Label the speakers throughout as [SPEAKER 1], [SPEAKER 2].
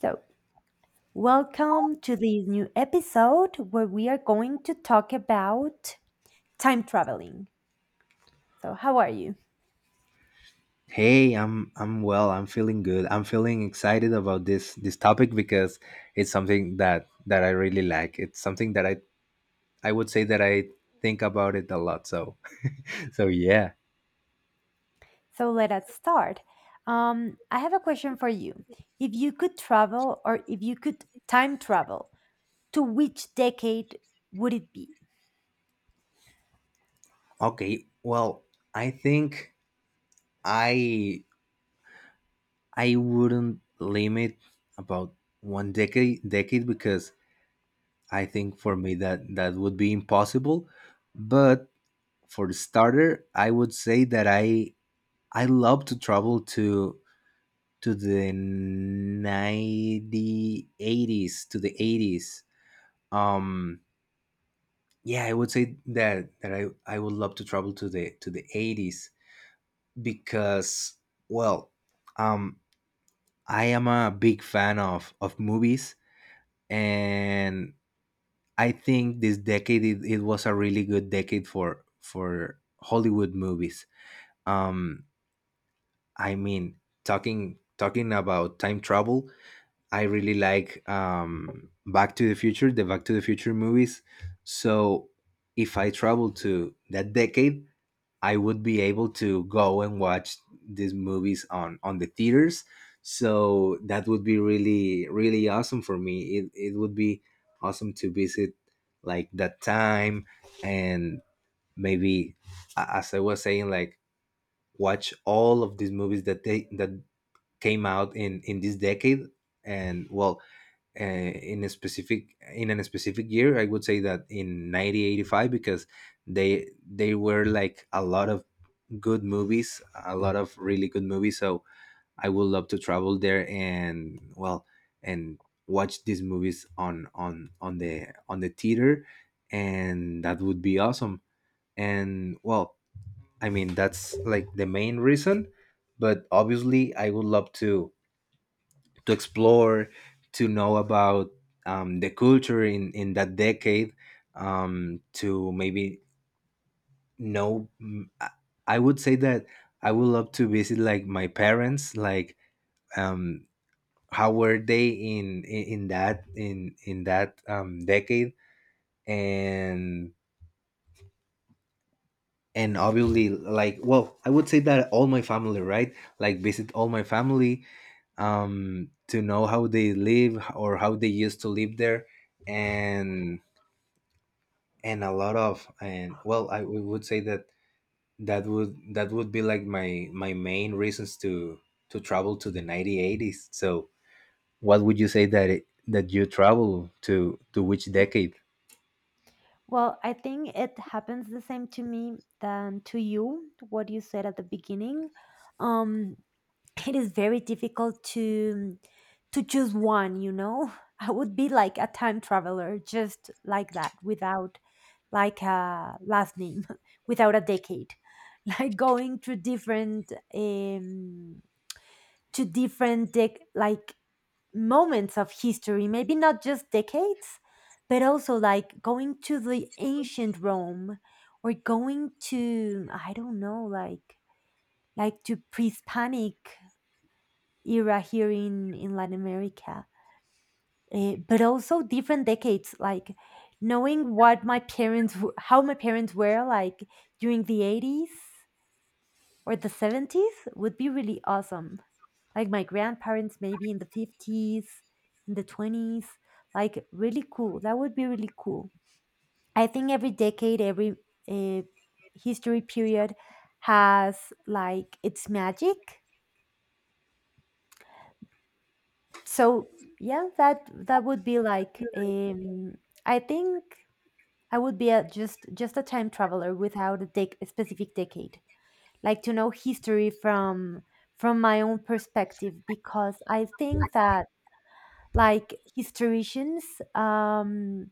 [SPEAKER 1] So, welcome to this new episode where we are going to talk about time traveling. So, how are you?
[SPEAKER 2] Hey, I'm well. I'm feeling good. I'm feeling excited about this topic because it's something that I really like. It's something that I would say that I think about it a lot. So so yeah.
[SPEAKER 1] So, let us start. I have a question for you. If you could travel or if you could time travel, to which decade would it be?
[SPEAKER 2] Okay. Well, I think I I wouldn't limit about one decade because I think for me that would be impossible. But for the starter, I would say that I love to travel to the 80s. um yeah, I would say that I would love to travel to the 80s because, well, um I am a big fan of movies, and I think this decade, it was a really good decade for Hollywood movies. um I mean, talking about time travel, I really like Back to the Future, the Back to the Future movies. So if I travel to that decade, I would be able to go and watch these movies on the theaters. So that would be really really awesome for me. It would be awesome to visit like that time and maybe, as I was saying, like watch all of these movies that they that came out in this decade. And, well, in a specific year I would say that in 1985, because they were like a lot of good movies, a lot of really good movies, so I would love to travel there. And, well, and watch these movies on the theater, and that would be awesome. And, well, I mean, that's like the main reason, but obviously I would love to explore, to know about, the culture in that decade, to maybe know. I would say that I would love to visit like my parents, like, um, how were they in, in that, decade. and and obviously, like, well, I would say that all my family, right? Like, visit all my family, to know how they live or how they used to live there. and and a lot of and well I w- would say that that would be like my main reasons to travel to the 1980s. So what would you say that that you travel to which decade?
[SPEAKER 1] Well, I think it happens the same to me than to you, what you said at the beginning. Um, it is very difficult to choose one, you know. I would be like a time traveler just like that, without like a last name, without a decade, like going through different to different like moments of history, maybe not just decades, but also like going to the ancient Rome, or going to, I don't know, like to pre-hispanic era here in Latin America. But also different decades. Like knowing what my how my parents were like during the 80s or the 70s would be really awesome. Like my grandparents, maybe in the 50s, in the 20s. Like really cool. That would be really cool. I think every decade, every uh, history period has like its magic. So yeah, that that would be like I think I would be just a time traveler without a specific decade, like to know history from my own perspective, because I think that like historians, um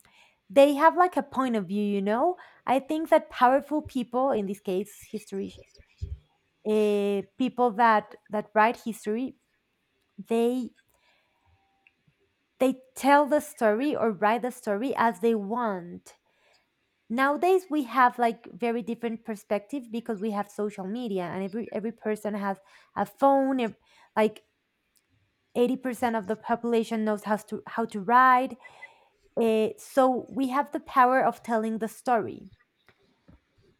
[SPEAKER 1] they have like a point of view, you know. I think that powerful people, in this case history, people that write history, they tell the story or write the story as they want. Nowadays we have like very different perspective, because we have social media and every person has a phone, like 80% of the population knows how to write. So we have the power of telling the story,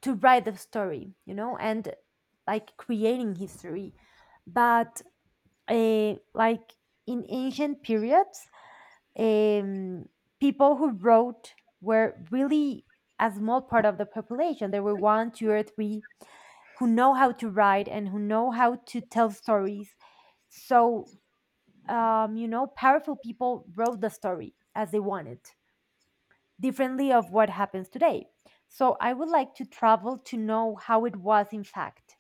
[SPEAKER 1] to write the story, you know. And like creating history, but like in ancient periods, um, people who wrote were really a small part of the population. There were one, two, or three who know how to write and who know how to tell stories. So, you know, powerful people wrote the story as they wanted, differently of what happens today. So, I would like to travel to know how it was in fact.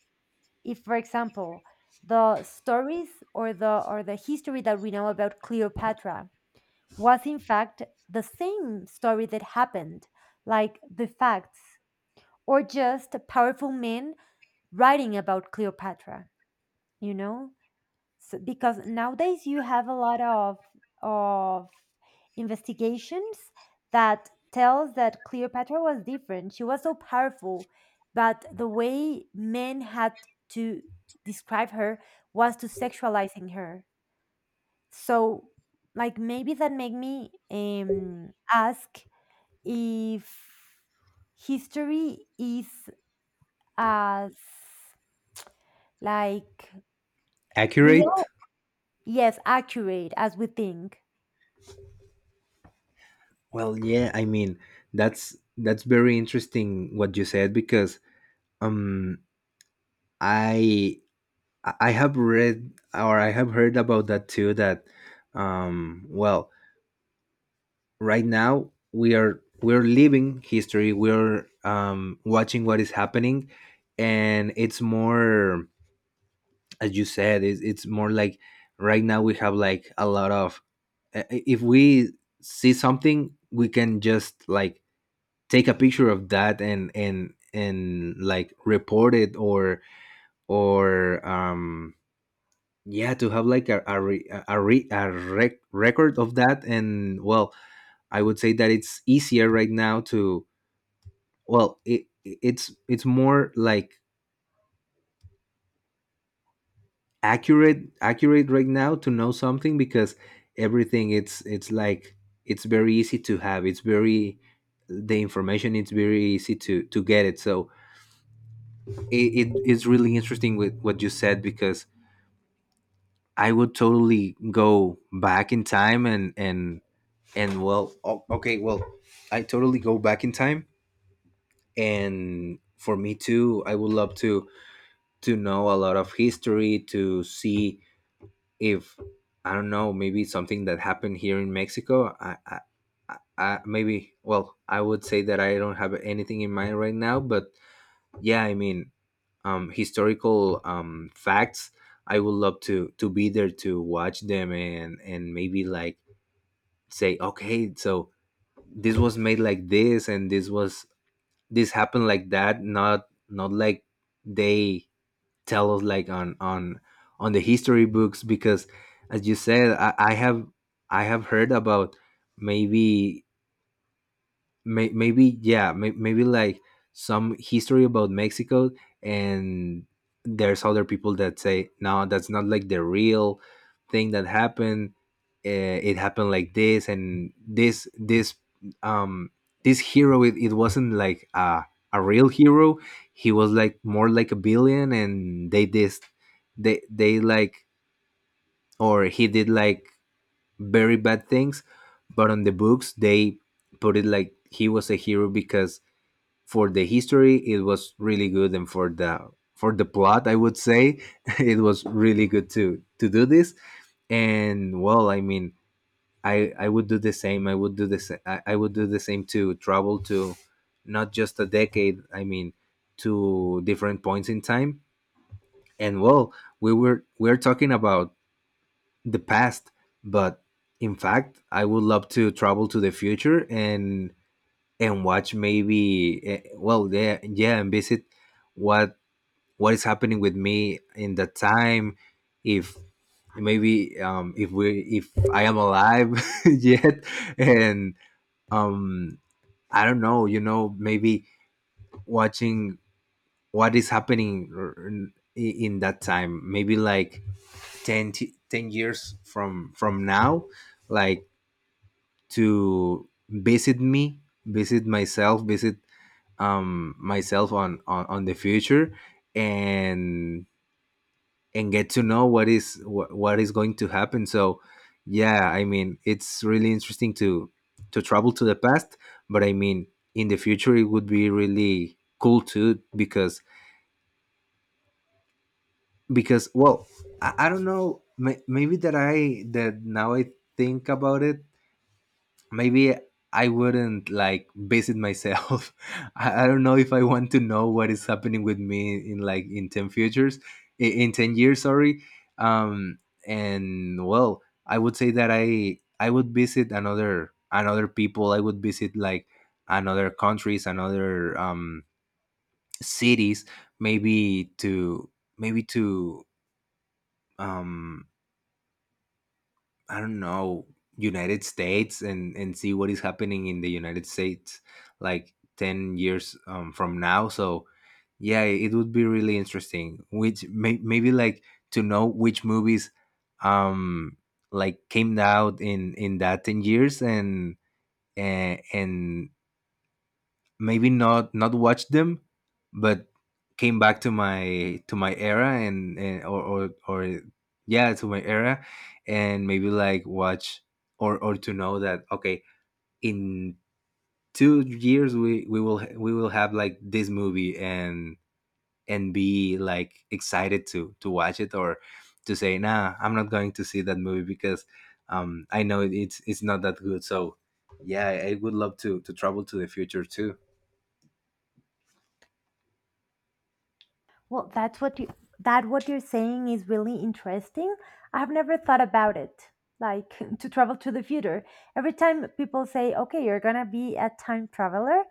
[SPEAKER 1] If, for example, the stories or the history that we know about Cleopatra was in fact the same story that happened, like the facts, or just powerful men writing about Cleopatra, you know? So, because nowadays you have a lot of of investigations that tells that Cleopatra was different. She was so powerful, but the way men had to describe her was to sexualizing her. So like maybe that made me ask if history is as like
[SPEAKER 2] Accurate.
[SPEAKER 1] real, yes, accurate as we think.
[SPEAKER 2] Well, yeah, I mean, that's very interesting what you said, because um i I have read, or I have heard about that too, that well, right now we're living history. We're watching what is happening. And it's more, as you said, it's more like right now we have like a lot of, if we see something, we can just like take a picture of that, and and like report it, or or yeah, to have like a record of that. And, well, I would say that it's easier right now to, well, it's more like accurate right now to know something, because everything it's like, it's very easy to have, it's very, the information it's very easy to get it. So it's really interesting with what you said, because I would totally go back in time, and and, well, okay, well, I totally go back in time. And for me too, I would love to know a lot of history, to see if, I don't know, maybe something that happened here in Mexico. Maybe, well, I would say that I don't have anything in mind right now, but yeah, I mean, historical facts. I would love to be there to watch them, and maybe like say, okay, so this was made like this, and this happened like that. Not like they tell us like on the history books, because, as you said, I have heard about, maybe, maybe like some history about Mexico, and there's other people that say, no, that's not like the real thing that happened. uh, it happened like this, and um this hero, it wasn't like a real hero. He was like more like a villain, and they this they like or he did like very bad things, but on the books they put it like he was a hero, because for the history it was really good, and for the plot I would say it was really good to do this. And, well, I mean, I would do the same. I would do the same, to travel to not just a decade. I mean, to different points in time. And, well, we're talking about the past, but, in fact, I would love to travel to the future, and watch maybe, well, yeah, yeah, and visit what what is happening with me in that time. If, maybe, if I am alive yet. And, um I don't know, maybe watching what is happening in that time, maybe like 10 years from now, like to visit myself on the future, and and get to know what is going to happen. So, yeah, I mean, it's really interesting to travel to the past, but, I mean, in the future it would be really cool too, because well, I don't know, maybe that now I think about it. Maybe I wouldn't like base it myself. I don't know if I want to know what is happening with me in ten futures, in 10 years. Sorry, um, and, well, I would say that I would visit another people. I would visit like another countries, another cities, maybe to, maybe to um I don't know, United States, and see what is happening in the United States like 10 years, from now. So, yeah, it would be really interesting. Which, maybe like, to know which movies um like came out in that 10 years. And, And, maybe not watched them, but came back to my, era and, or yeah, to my era. And maybe like watch, or to know that, okay, in 2 years we will have like this movie, and be like excited to watch it, or to say, nah, I'm not going to see that movie because, I know it's not that good. So, yeah, I would love to travel to the future too.
[SPEAKER 1] Well, that's what you that what you're saying is really interesting. I've never thought about it, like to travel to the future. Every time people say, okay, you're gonna be a time traveler,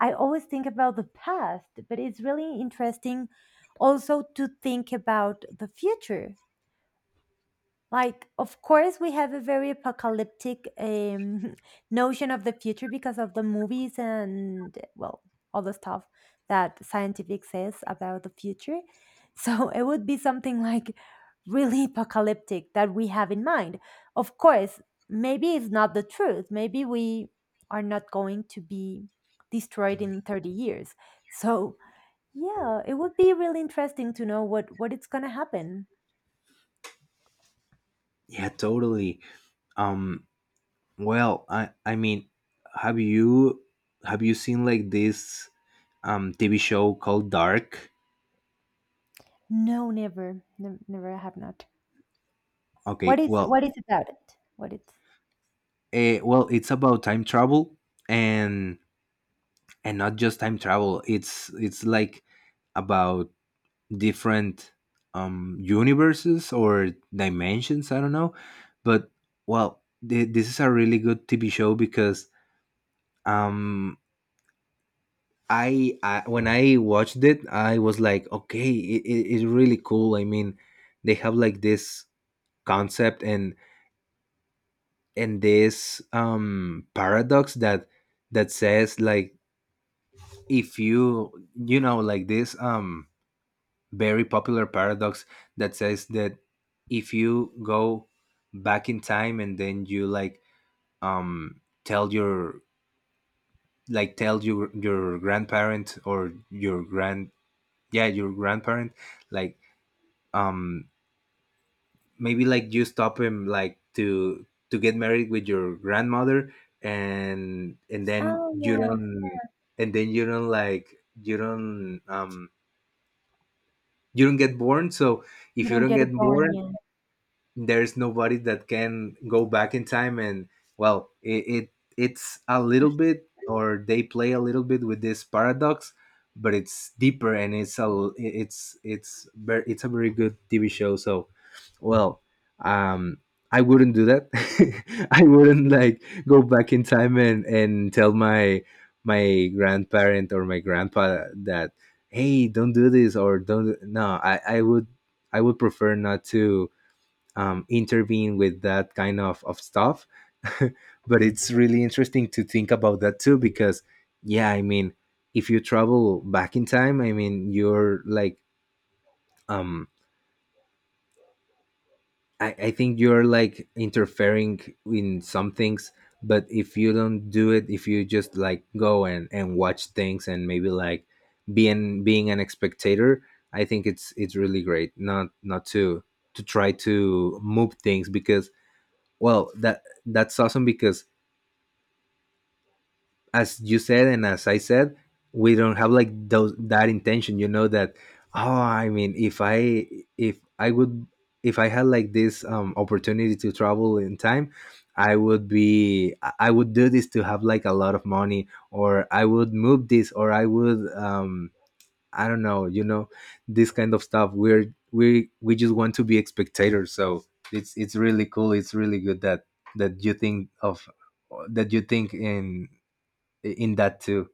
[SPEAKER 1] I always think about the past, but it's really interesting also to think about the future. Like, of course, we have a very apocalyptic notion of the future because of the movies and, well, all the stuff that scientific says about the future. So it would be something like really apocalyptic that we have in mind. Of course, maybe it's not the truth. Maybe we are not going to be destroyed in 30 years. So, yeah, it would be really interesting to know what it's going to happen.
[SPEAKER 2] Yeah, totally. Um, well, I mean, have you have you seen like this TV show called Dark?
[SPEAKER 1] No, never, never, never. I have not.
[SPEAKER 2] Okay, well,
[SPEAKER 1] What is about it? What it?
[SPEAKER 2] well, it's about time travel, and and not just time travel. It's like about different universes or dimensions. I don't know, but, well, this is a really good TV show, because um I when I watched it, I was like, okay, it's really cool. I mean, they have like this concept, and this paradox that says like, if you you know like this very popular paradox that says that, if you go back in time, and then you like tell your, tell your grandparent, or your grandparent like um maybe like you stop him like to get married with your grandmother, and then
[SPEAKER 1] Oh
[SPEAKER 2] you
[SPEAKER 1] yeah,
[SPEAKER 2] don't and then you don't like you don't um you don't get born. So
[SPEAKER 1] you
[SPEAKER 2] if you
[SPEAKER 1] don't
[SPEAKER 2] don't
[SPEAKER 1] get it
[SPEAKER 2] get
[SPEAKER 1] born
[SPEAKER 2] born,
[SPEAKER 1] yet.
[SPEAKER 2] there's nobody that can go back in time. And, well, it's a little bit, or they play a little bit with this paradox. But it's deeper, and it's a very good TV show. So, well, um, I wouldn't do that. I wouldn't like go back in time, and tell my, my grandparent or my grandpa that, hey, don't do this, or don't. No, I would prefer not to, intervene with that kind of stuff. But it's really interesting to think about that too because, yeah, I mean, if you travel back in time, I mean, you're like, um I think you're like interfering in some things. But if you don't do it, if you just like go and, watch things, and maybe like being an spectator, I think it's really great, not to try to move things, because, well, that's awesome, because, as you said, and as I said, we don't have like those that intention. You know that Oh, I mean, if I would if I had like this opportunity to travel in time, I would do this to have like a lot of money, or I would move this, or I don't know, this kind of stuff. We just want to be spectators, so it's really cool. It's really good that you think in that too.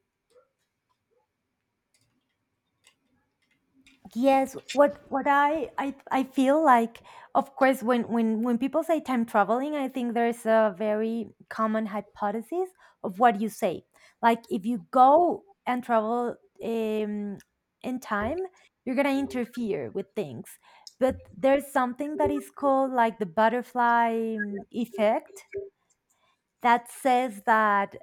[SPEAKER 1] Yes, what I feel like, of course, when people say time traveling, I think there's a very common hypothesis of what you say. Like if you go and travel um, in time, you're gonna interfere with things. But there's something that is called like the butterfly effect that says that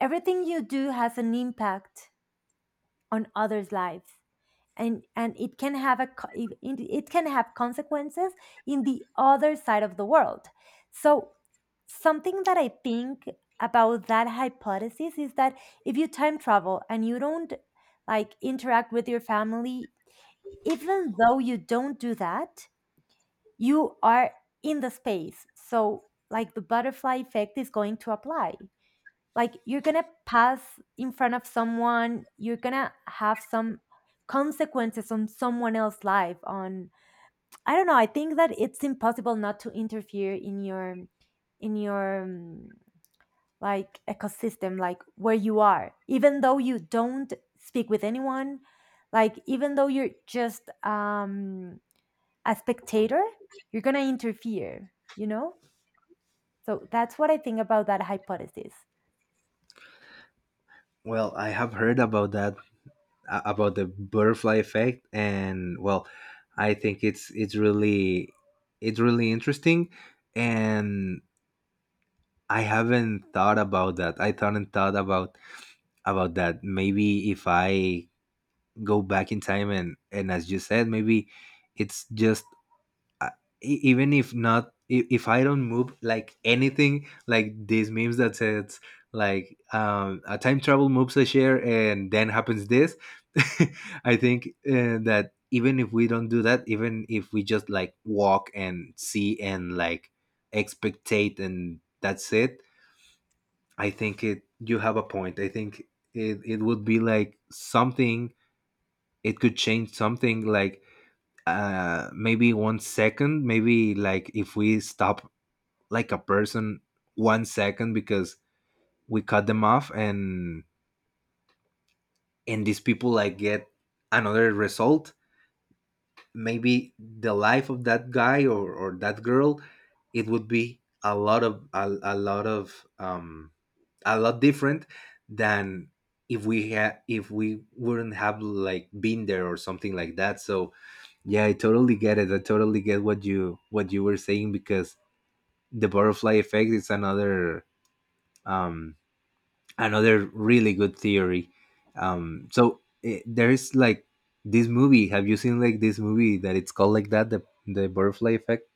[SPEAKER 1] everything you do has an impact on others' lives, and it can have a it can have consequences in the other side of the world. So something that I think about that hypothesis is that if you time travel and you don't like interact with your family, even though you don't do that, you are in the space. So like the butterfly effect is going to apply, like you're gonna pass in front of someone, you're gonna have some consequences on someone else's life. On, I don't know, I think that it's impossible not to interfere in your like ecosystem, like where you are, even though you don't speak with anyone, like even though you're just a spectator, you're gonna interfere, you know. So that's what I think about that hypothesis.
[SPEAKER 2] Well, I have heard about that, about the butterfly effect, and, well, I think it's really interesting, and I haven't thought about that. I haven't thought about that. Maybe if I go back in time, and as you said, maybe it's just, I- even if I don't move like anything, like these memes that says, like, a time travel moves a chair and then happens this. I think, that even if we don't do that, even if we just, like, walk and see and, like, expectate, and that's it, I think, it you have a point. I think it would be like something. It could change something, like, maybe one second, maybe, like, if we stop, like, a person, one second, because we cut them off, and these people, like, get another result. Maybe the life of that guy, or that girl, it would be a lot different than, if we wouldn't have, like, been there, or something like that. So yeah, I totally get it. I totally get what you were saying, because the butterfly effect is another, um, another really good theory. So, there is, like, this movie. Have you seen, like, this movie that it's called, like, that the butterfly effect?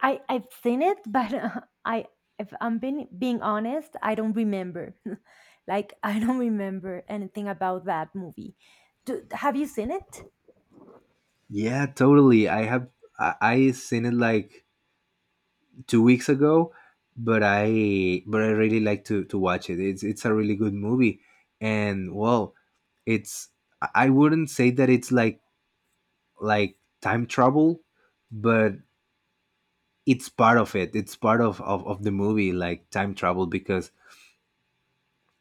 [SPEAKER 1] I I've seen it, but I, if I'm being honest, I don't remember. Like I don't remember anything about that movie. Do, have you seen it?
[SPEAKER 2] Yeah, totally. I seen it, like, 2 weeks ago, but I really like to watch it. It's a really good movie, and, well, it's, I wouldn't say that it's like time travel, but it's part of it, it's part of the movie, like time travel, because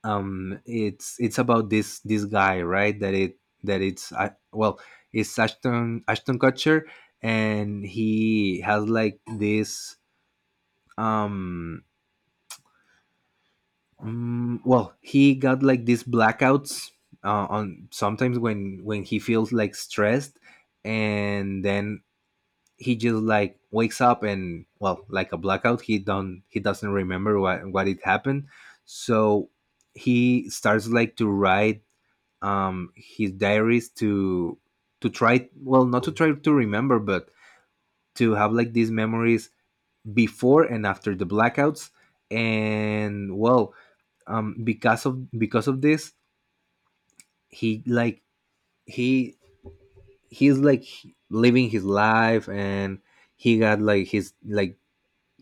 [SPEAKER 2] it's about this guy, right, that it's well, it's Ashton Kutcher, and he has, like, this, um well, he got, like, these blackouts, on, sometimes when he feels, like, stressed. And then he just, like, wakes up, and, well, like a blackout, he doesn't remember what it happened. So he starts, like, to write his diaries to try, well, not to try to remember, but to have, like, these memories before and after the blackouts. And, well, because of this, he, like, he he's like, living his life, and he got, like, his, like,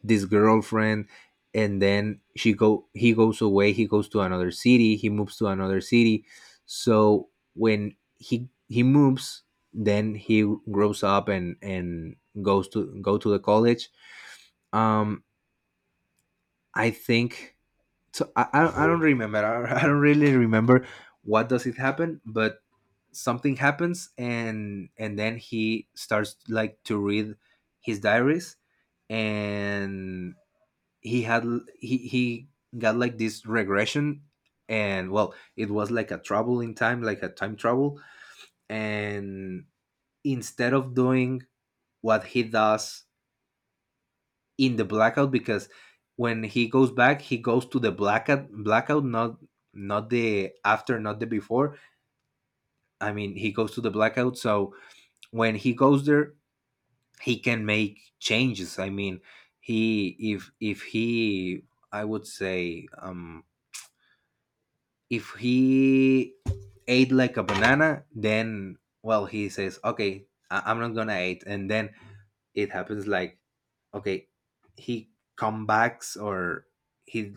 [SPEAKER 2] this girlfriend. And then she go he goes away, he goes to another city, he moves to another city. So when he moves, then he grows up, and goes to, go to the college, um I think. So I don't, I don't remember, I don't really remember what does it happen, but something happens, and then he starts, like, to read his diaries. And he had, he got, like, this regression, and, well, it was like a travel in time, like a time travel. And instead of doing what he does in the blackout, because when he goes back, he goes to the blackout, not the after, not the before. I mean, he goes to the blackout. So when he goes there, he can make changes. I mean, he if he I would say, if he ate, like, a banana, then, well, he says, "Okay, I'm not gonna eat," and then it happens, like, okay, he come backs, or he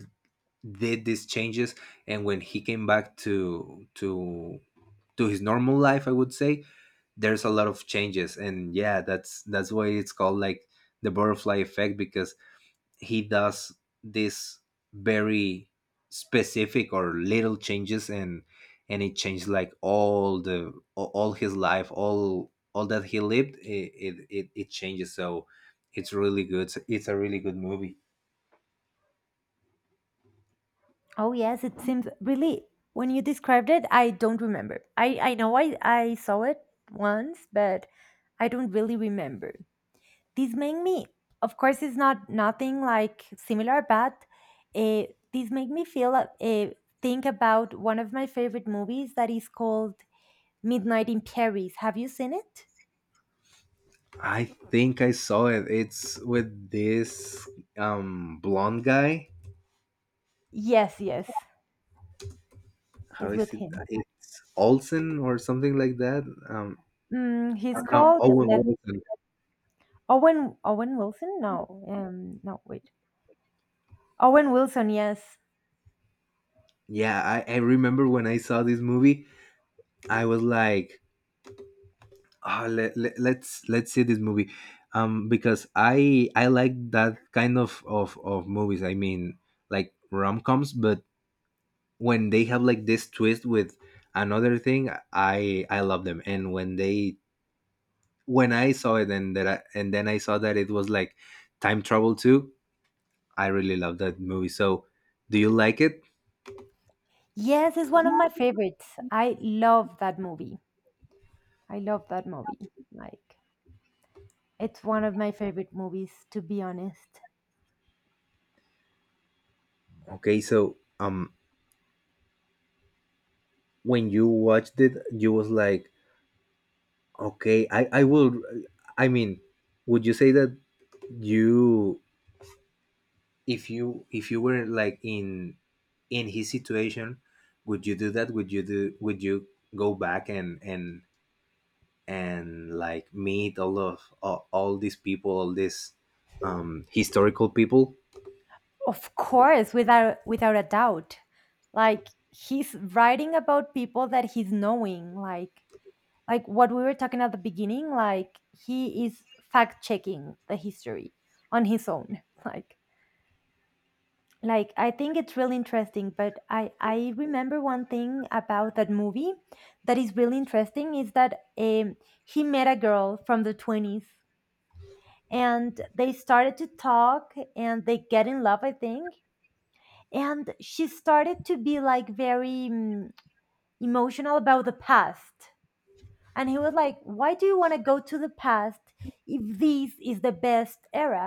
[SPEAKER 2] did these changes, and when he came back to his normal life, I would say there's a lot of changes. And yeah, that's why it's called, like, the butterfly effect, because he does this very specific or little changes, and it changed, like, all the all his life, all that he lived, it changes. So it's really good. It's a really good movie.
[SPEAKER 1] Oh yes, it seems really when you described it, I don't remember. I I know I saw it once, but I don't really remember. This made me, of course, it's not nothing like similar, but uh, this made me feel think about one of my favorite movies, that is called Midnight in Paris. Have you seen it?
[SPEAKER 2] I think I saw it. It's with this, blonde guy.
[SPEAKER 1] Yes, yes,
[SPEAKER 2] How
[SPEAKER 1] it's
[SPEAKER 2] is
[SPEAKER 1] with
[SPEAKER 2] it?
[SPEAKER 1] him.
[SPEAKER 2] It's Olsen or something like that, um
[SPEAKER 1] Mm, he's
[SPEAKER 2] or no,
[SPEAKER 1] called,
[SPEAKER 2] Owen
[SPEAKER 1] let me,
[SPEAKER 2] Wilson.
[SPEAKER 1] Owen Wilson. No, no, wait, Owen Wilson. Yes,
[SPEAKER 2] Yeah, I remember when I saw this movie. I was like, ah, let's see this movie, because I like that kind of movies. I mean, like, rom-coms, but when they have, like, this twist with another thing, I love them. And when I saw it, and then I saw that it was, like, time travel too, I really love that movie. So do you like it?
[SPEAKER 1] yes, is one of my favorites. I love that movie. I love that movie. Like, it's one of my favorite movies, to be honest.
[SPEAKER 2] Okay, so when you watched it, you was like, okay, I mean, would you say that, You, if you were, like, in, his situation, would you do that? Would you do? Would you go back, and, like, meet all these people, all these historical people?
[SPEAKER 1] Of course, without a doubt. Like he's writing about people that he's knowing, like what we were talking at the beginning, like he is fact checking the history on his own. Like I think it's really interesting, but I remember one thing about that movie that is really interesting, is that he met a girl from the 20s and they started to talk and they get in love, I think. And she started to be like very, emotional about the past. And he was like, why do you want to go to the past if this is the best era?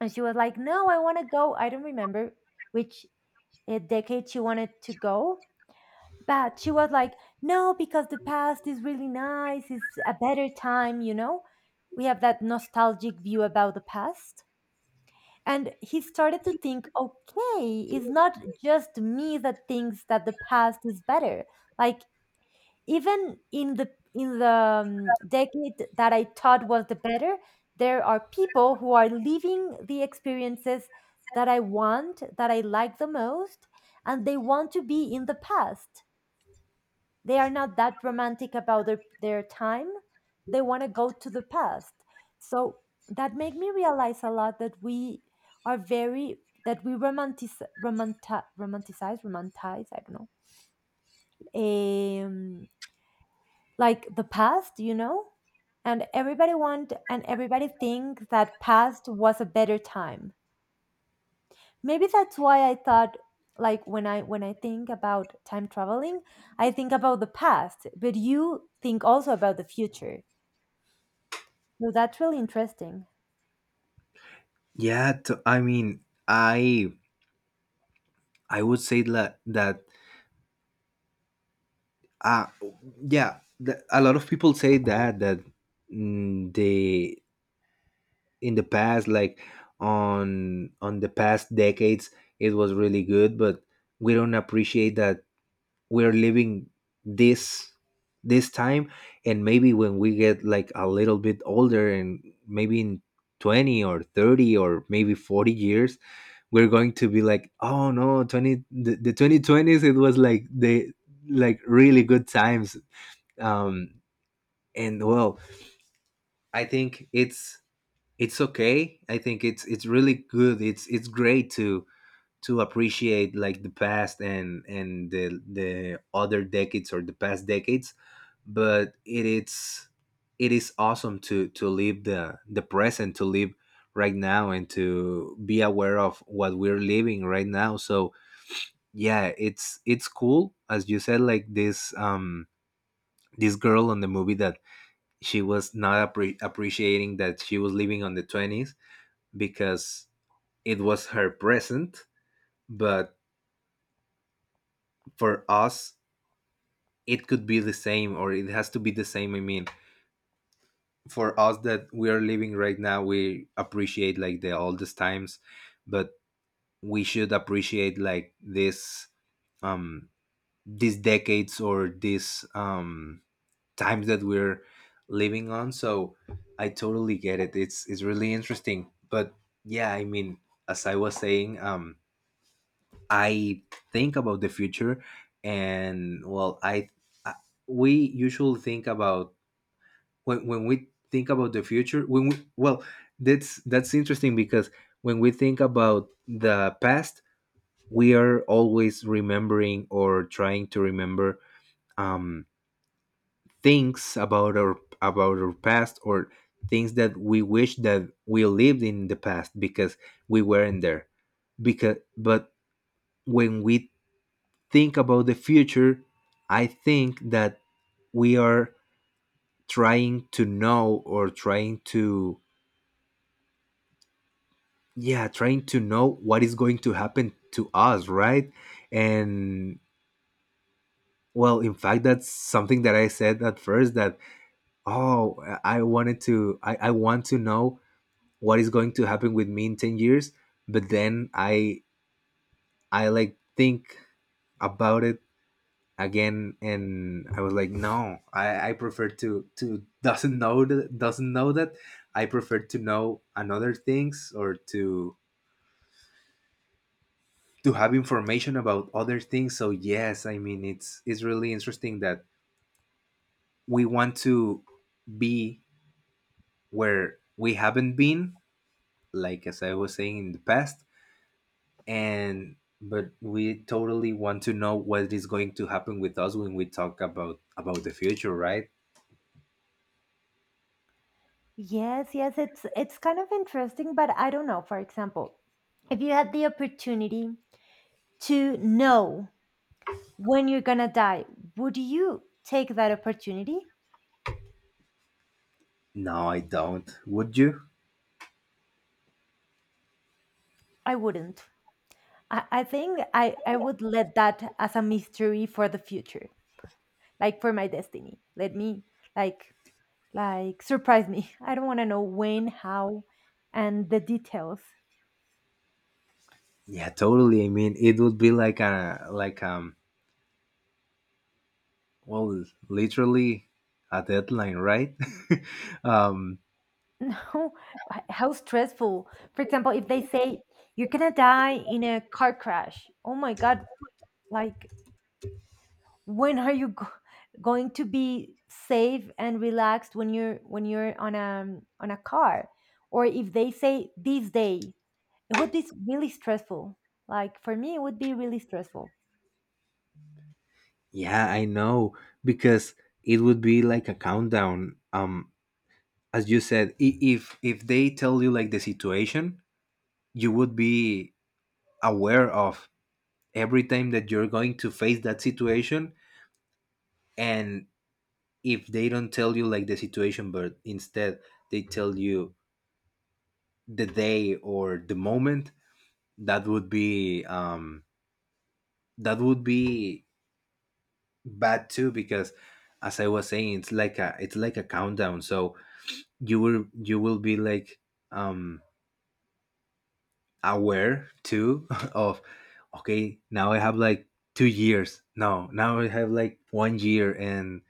[SPEAKER 1] And she was like, no, I want to go. I don't remember which decade she wanted to go. But she was like, no, because the past is really nice. It's a better time, you know? We have that nostalgic view about the past. And he started to think, okay, it's not just me that thinks that the past is better. Like, even in the decade that I thought was the better, there are people who are living the experiences that I want, that I like the most, and they want to be in the past. They are not that romantic about their time. They want to go to the past. So that made me realize a lot that we are very, that we romanticize, romanticize, I don't know, like the past, you know. And everybody want and everybody think that past was a better time. Maybe that's why I thought, like when I think about time traveling, I think about the past, but you think also about the future, so that's really interesting.
[SPEAKER 2] Yeah, I mean, I would say that uh yeah, a lot of people say that they, in the past, like, on the past decades, it was really good, but we don't appreciate that we're living this, this time. And maybe when we get, like, a little bit older, and maybe in 20 or 30 or maybe 40 years, we're going to be like, oh no, the 2020s, it was, like, the, like, really good times. um and, well, I think it's okay. I think it's really good. It's great to appreciate, like, the past, and and the other decades, or the past decades, but it, it is awesome to live the present, to live right now, and to be aware of what we're living right now. So yeah, it's cool, as you said, like, this, this girl on the movie that she was not, appreciating that she was living on the 20s, because it was her present. But for us, it could be the same, or it has to be the same. I mean, for us that we are living right now, we appreciate, like, the oldest times, but we should appreciate, like, this, um these decades, or these, times that we're living on. So I totally get it. It's really interesting, but yeah, I mean, as I was saying, I think about the future, and, well, I we usually think about, when we think about the future. When we Well, that's interesting, because when we think about the past, we are always remembering, or trying to remember um, things about our, about our past, or things that we wish that we lived in the past, because we weren't there. Because but when we think about the future, I think that we are trying to know, or trying to, yeah, trying to know what is going to happen to us, right? And, well, in fact, that's something that I said at first, that, oh, I want to know what is going to happen with me in 10 years, but then I like, think about it again, and I was like, no, I prefer to doesn't know that, I prefer to know another things, or to have information about other things. So yes, I mean, it's really interesting that we want to be where we haven't been, like, as I was saying, in the past. And, but we totally want to know what is going to happen with us when we talk about the future, right?
[SPEAKER 1] Yes, yes, it's kind of interesting, but I don't know, for example, if you had the opportunity to know when you're gonna die, would you take that opportunity?
[SPEAKER 2] No, I don't. Would you?
[SPEAKER 1] I wouldn't. I think I would let that as a mystery for the future, like for my destiny. Let me like like surprise me. I don't want to know when, how, and the details.
[SPEAKER 2] Yeah, totally. I mean, it would be, like a like well, literally, a deadline, right? um
[SPEAKER 1] No, how stressful. For example, if they say you're gonna die in a car crash, oh my god! Like when are you going to be safe and relaxed when you're on a car? Or if they say this day, it would be really stressful. Like for me, it would be really stressful.
[SPEAKER 2] yeah, I know, because it would be like a countdown. As you said, if they tell you like the situation, you would be aware of every time that you're going to face that situation, and if they don't tell you like the situation but instead they tell you the day or the moment, that would be um that would be bad too because as I was saying, it's like a countdown. So you will be like, um aware too of, okay, now I have like two years. No, now I have like one year. And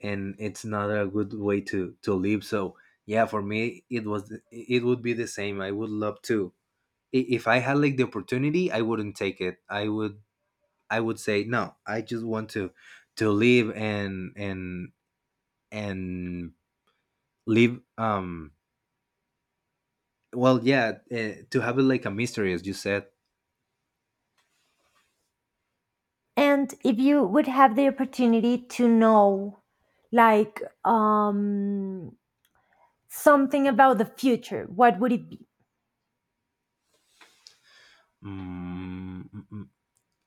[SPEAKER 2] it's not a good way to live. So yeah, for me it would be the same. I would love to, if I had like the opportunity, I wouldn't take it. I would say no. I just want to live and and live. Well, yeah. To have it like a mystery, as you said.
[SPEAKER 1] And if you would have the opportunity to know, like, something about the future, what would it be?
[SPEAKER 2] Mm, mm, mm.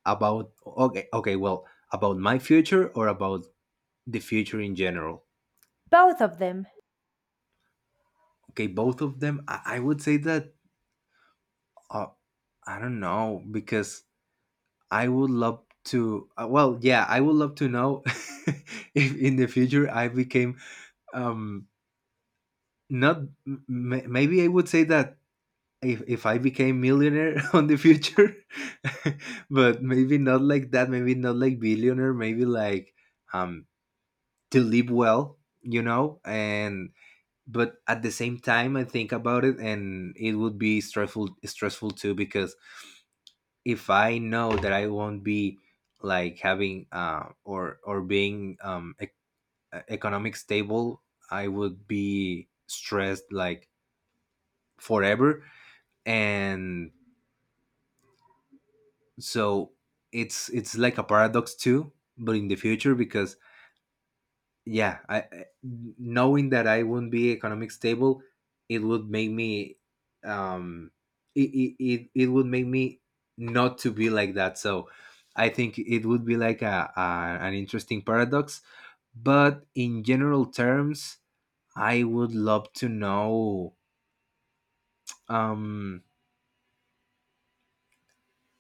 [SPEAKER 2] About, okay, okay. Well, about my future or about the future in general?
[SPEAKER 1] Both of them.
[SPEAKER 2] Okay, both of them. I would say that. Uh, I don't know because I would love to. Well, yeah, I would love to know if in the future I became um not m- maybe, I would say that if, I became millionaire on the future, but maybe not like that, maybe not like billionaire, maybe like, um to live well, you know. And but at the same time, I think about it and it would be stressful, too because if I know that I won't be like having, or being, economic stable, I would be stressed like forever. And so it's like a paradox too, but in the future because yeah, knowing that I wouldn't be economic stable, it would make me, um it would make me not to be like that. So I think it would be like a an interesting paradox. But in general terms, I would love to know. um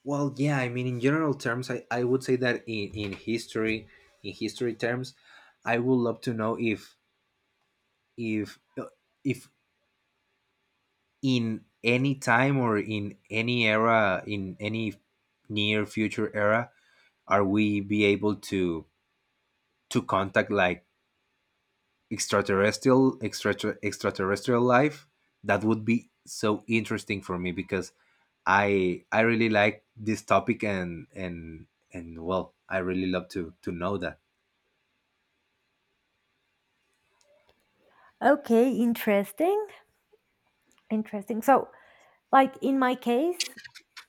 [SPEAKER 2] Well, yeah, I mean, in general terms, I would say that in history, in history terms, I would love to know if, if uh, if in any time or in any era, in any near future era, are we be able to contact like extraterrestrial, extraterrestrial life? That would be so interesting for me because I really like this topic, and well, I really love to know that.
[SPEAKER 1] Okay, interesting. Interesting. So, like in my case,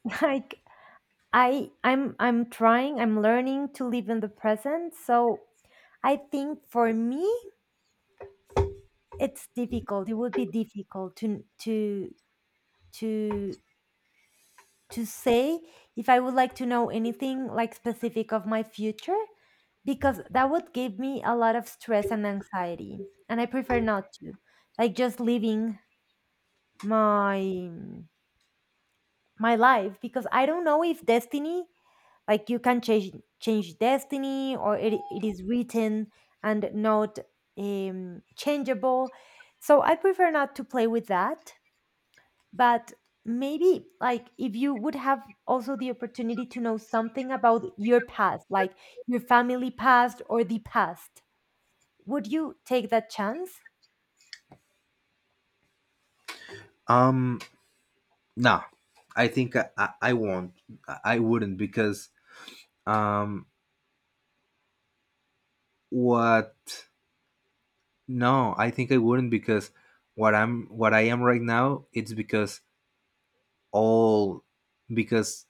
[SPEAKER 1] like I'm trying, I'm learning to live in the present. So I think for me it's difficult. It would be difficult to to say if I would like to know anything like specific of my future, because that would give me a lot of stress and anxiety, and I prefer not to. Like just living my life, because I don't know if destiny, like you can change destiny, or it is written and not changeable. So I prefer not to play with that. But maybe, like if you would have also the opportunity to know something about your past, like your family past or the past, would you take that chance?
[SPEAKER 2] Um, no, I think I won't. I wouldn't because, um, what? No, I think I wouldn't because what I am right now, it's because all, because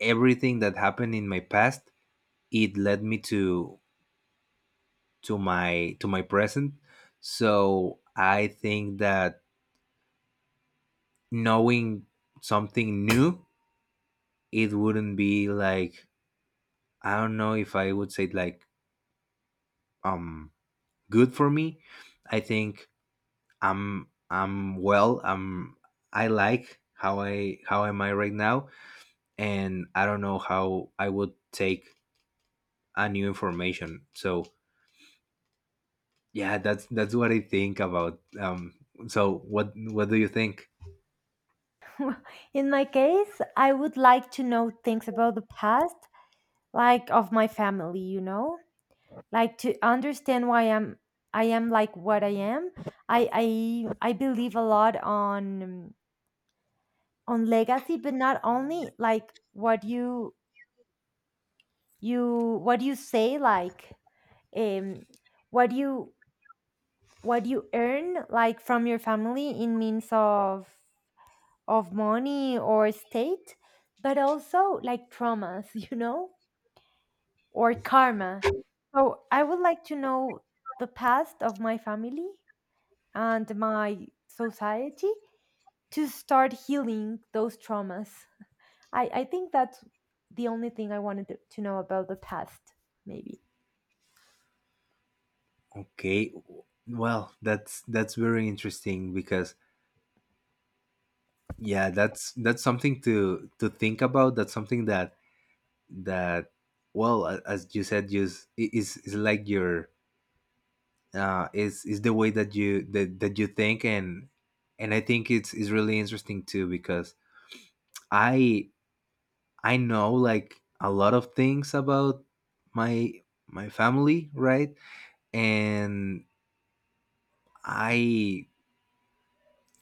[SPEAKER 2] everything that happened in my past, it led me to to my present. So I think that knowing something new, it wouldn't be like, I don't know if I would say like, um good for me. I think I'm well. I like how I how am I right now, and I don't know how I would take a new information. So yeah, that's what I think about. So what do you think?
[SPEAKER 1] In my case, I would like to know things about the past, like of my family, you know, like to understand why I am like what I am. I believe a lot on legacy, but not only like what you what you say, like um what you what you earn like from your family in means of money or state, but also like traumas, you know, or karma. So I would like to know the past of my family and my society to start healing those traumas. I think that's the only thing I wanted to know about the past, maybe.
[SPEAKER 2] Okay, well, that's very interesting because yeah, that's something to think about. That's something that, that well, as you said, just is like your, is the way that that you think. And I think it's is really interesting too because I I know like a lot of things about my my family, right? And I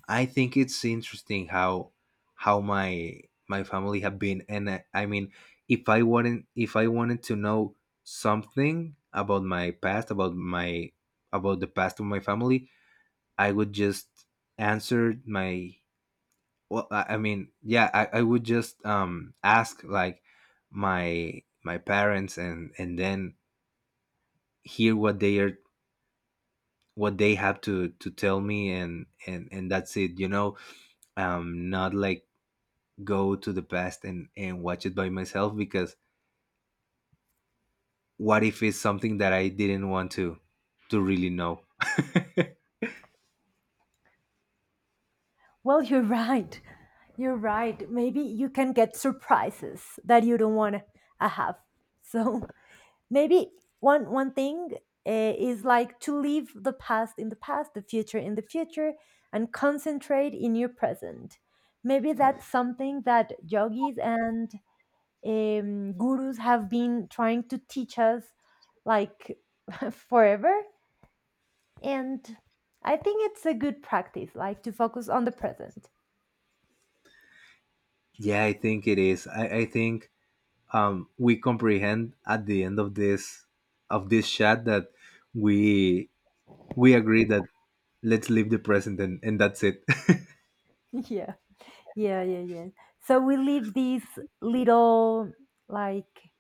[SPEAKER 2] I think it's interesting how how my my family have been. And I mean, if I wanted to know something about my past, about my, about the past of my family, I would just answer my, well, I mean, yeah, I would just ask like my parents, and then hear what they are, what they have to tell me, and that's it, you know. Not like go to the past and watch it by myself because what if it's something that I didn't want to really know?
[SPEAKER 1] Well, you're right. You're right. Maybe you can get surprises that you don't want to have. So maybe one thing is like to leave the past in the past, the future in the future, and concentrate in your present. Maybe that's something that yogis and gurus have been trying to teach us, like forever. And I think it's a good practice, like to focus on the present.
[SPEAKER 2] Yeah, I think it is. I think we comprehend at the end of this, chat that we we agree that let's live the present, and that's it.
[SPEAKER 1] Yeah, yeah, yeah, yeah. So we leave this little like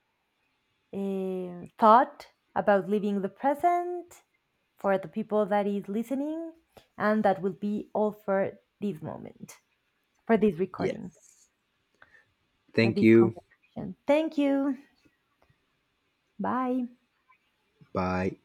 [SPEAKER 1] thought about living the present for the people that is listening, and that will be all for this moment, for this recording,
[SPEAKER 2] Yes.
[SPEAKER 1] for
[SPEAKER 2] Thank
[SPEAKER 1] this
[SPEAKER 2] you.
[SPEAKER 1] conversation. Thank you. Bye.
[SPEAKER 2] Bye.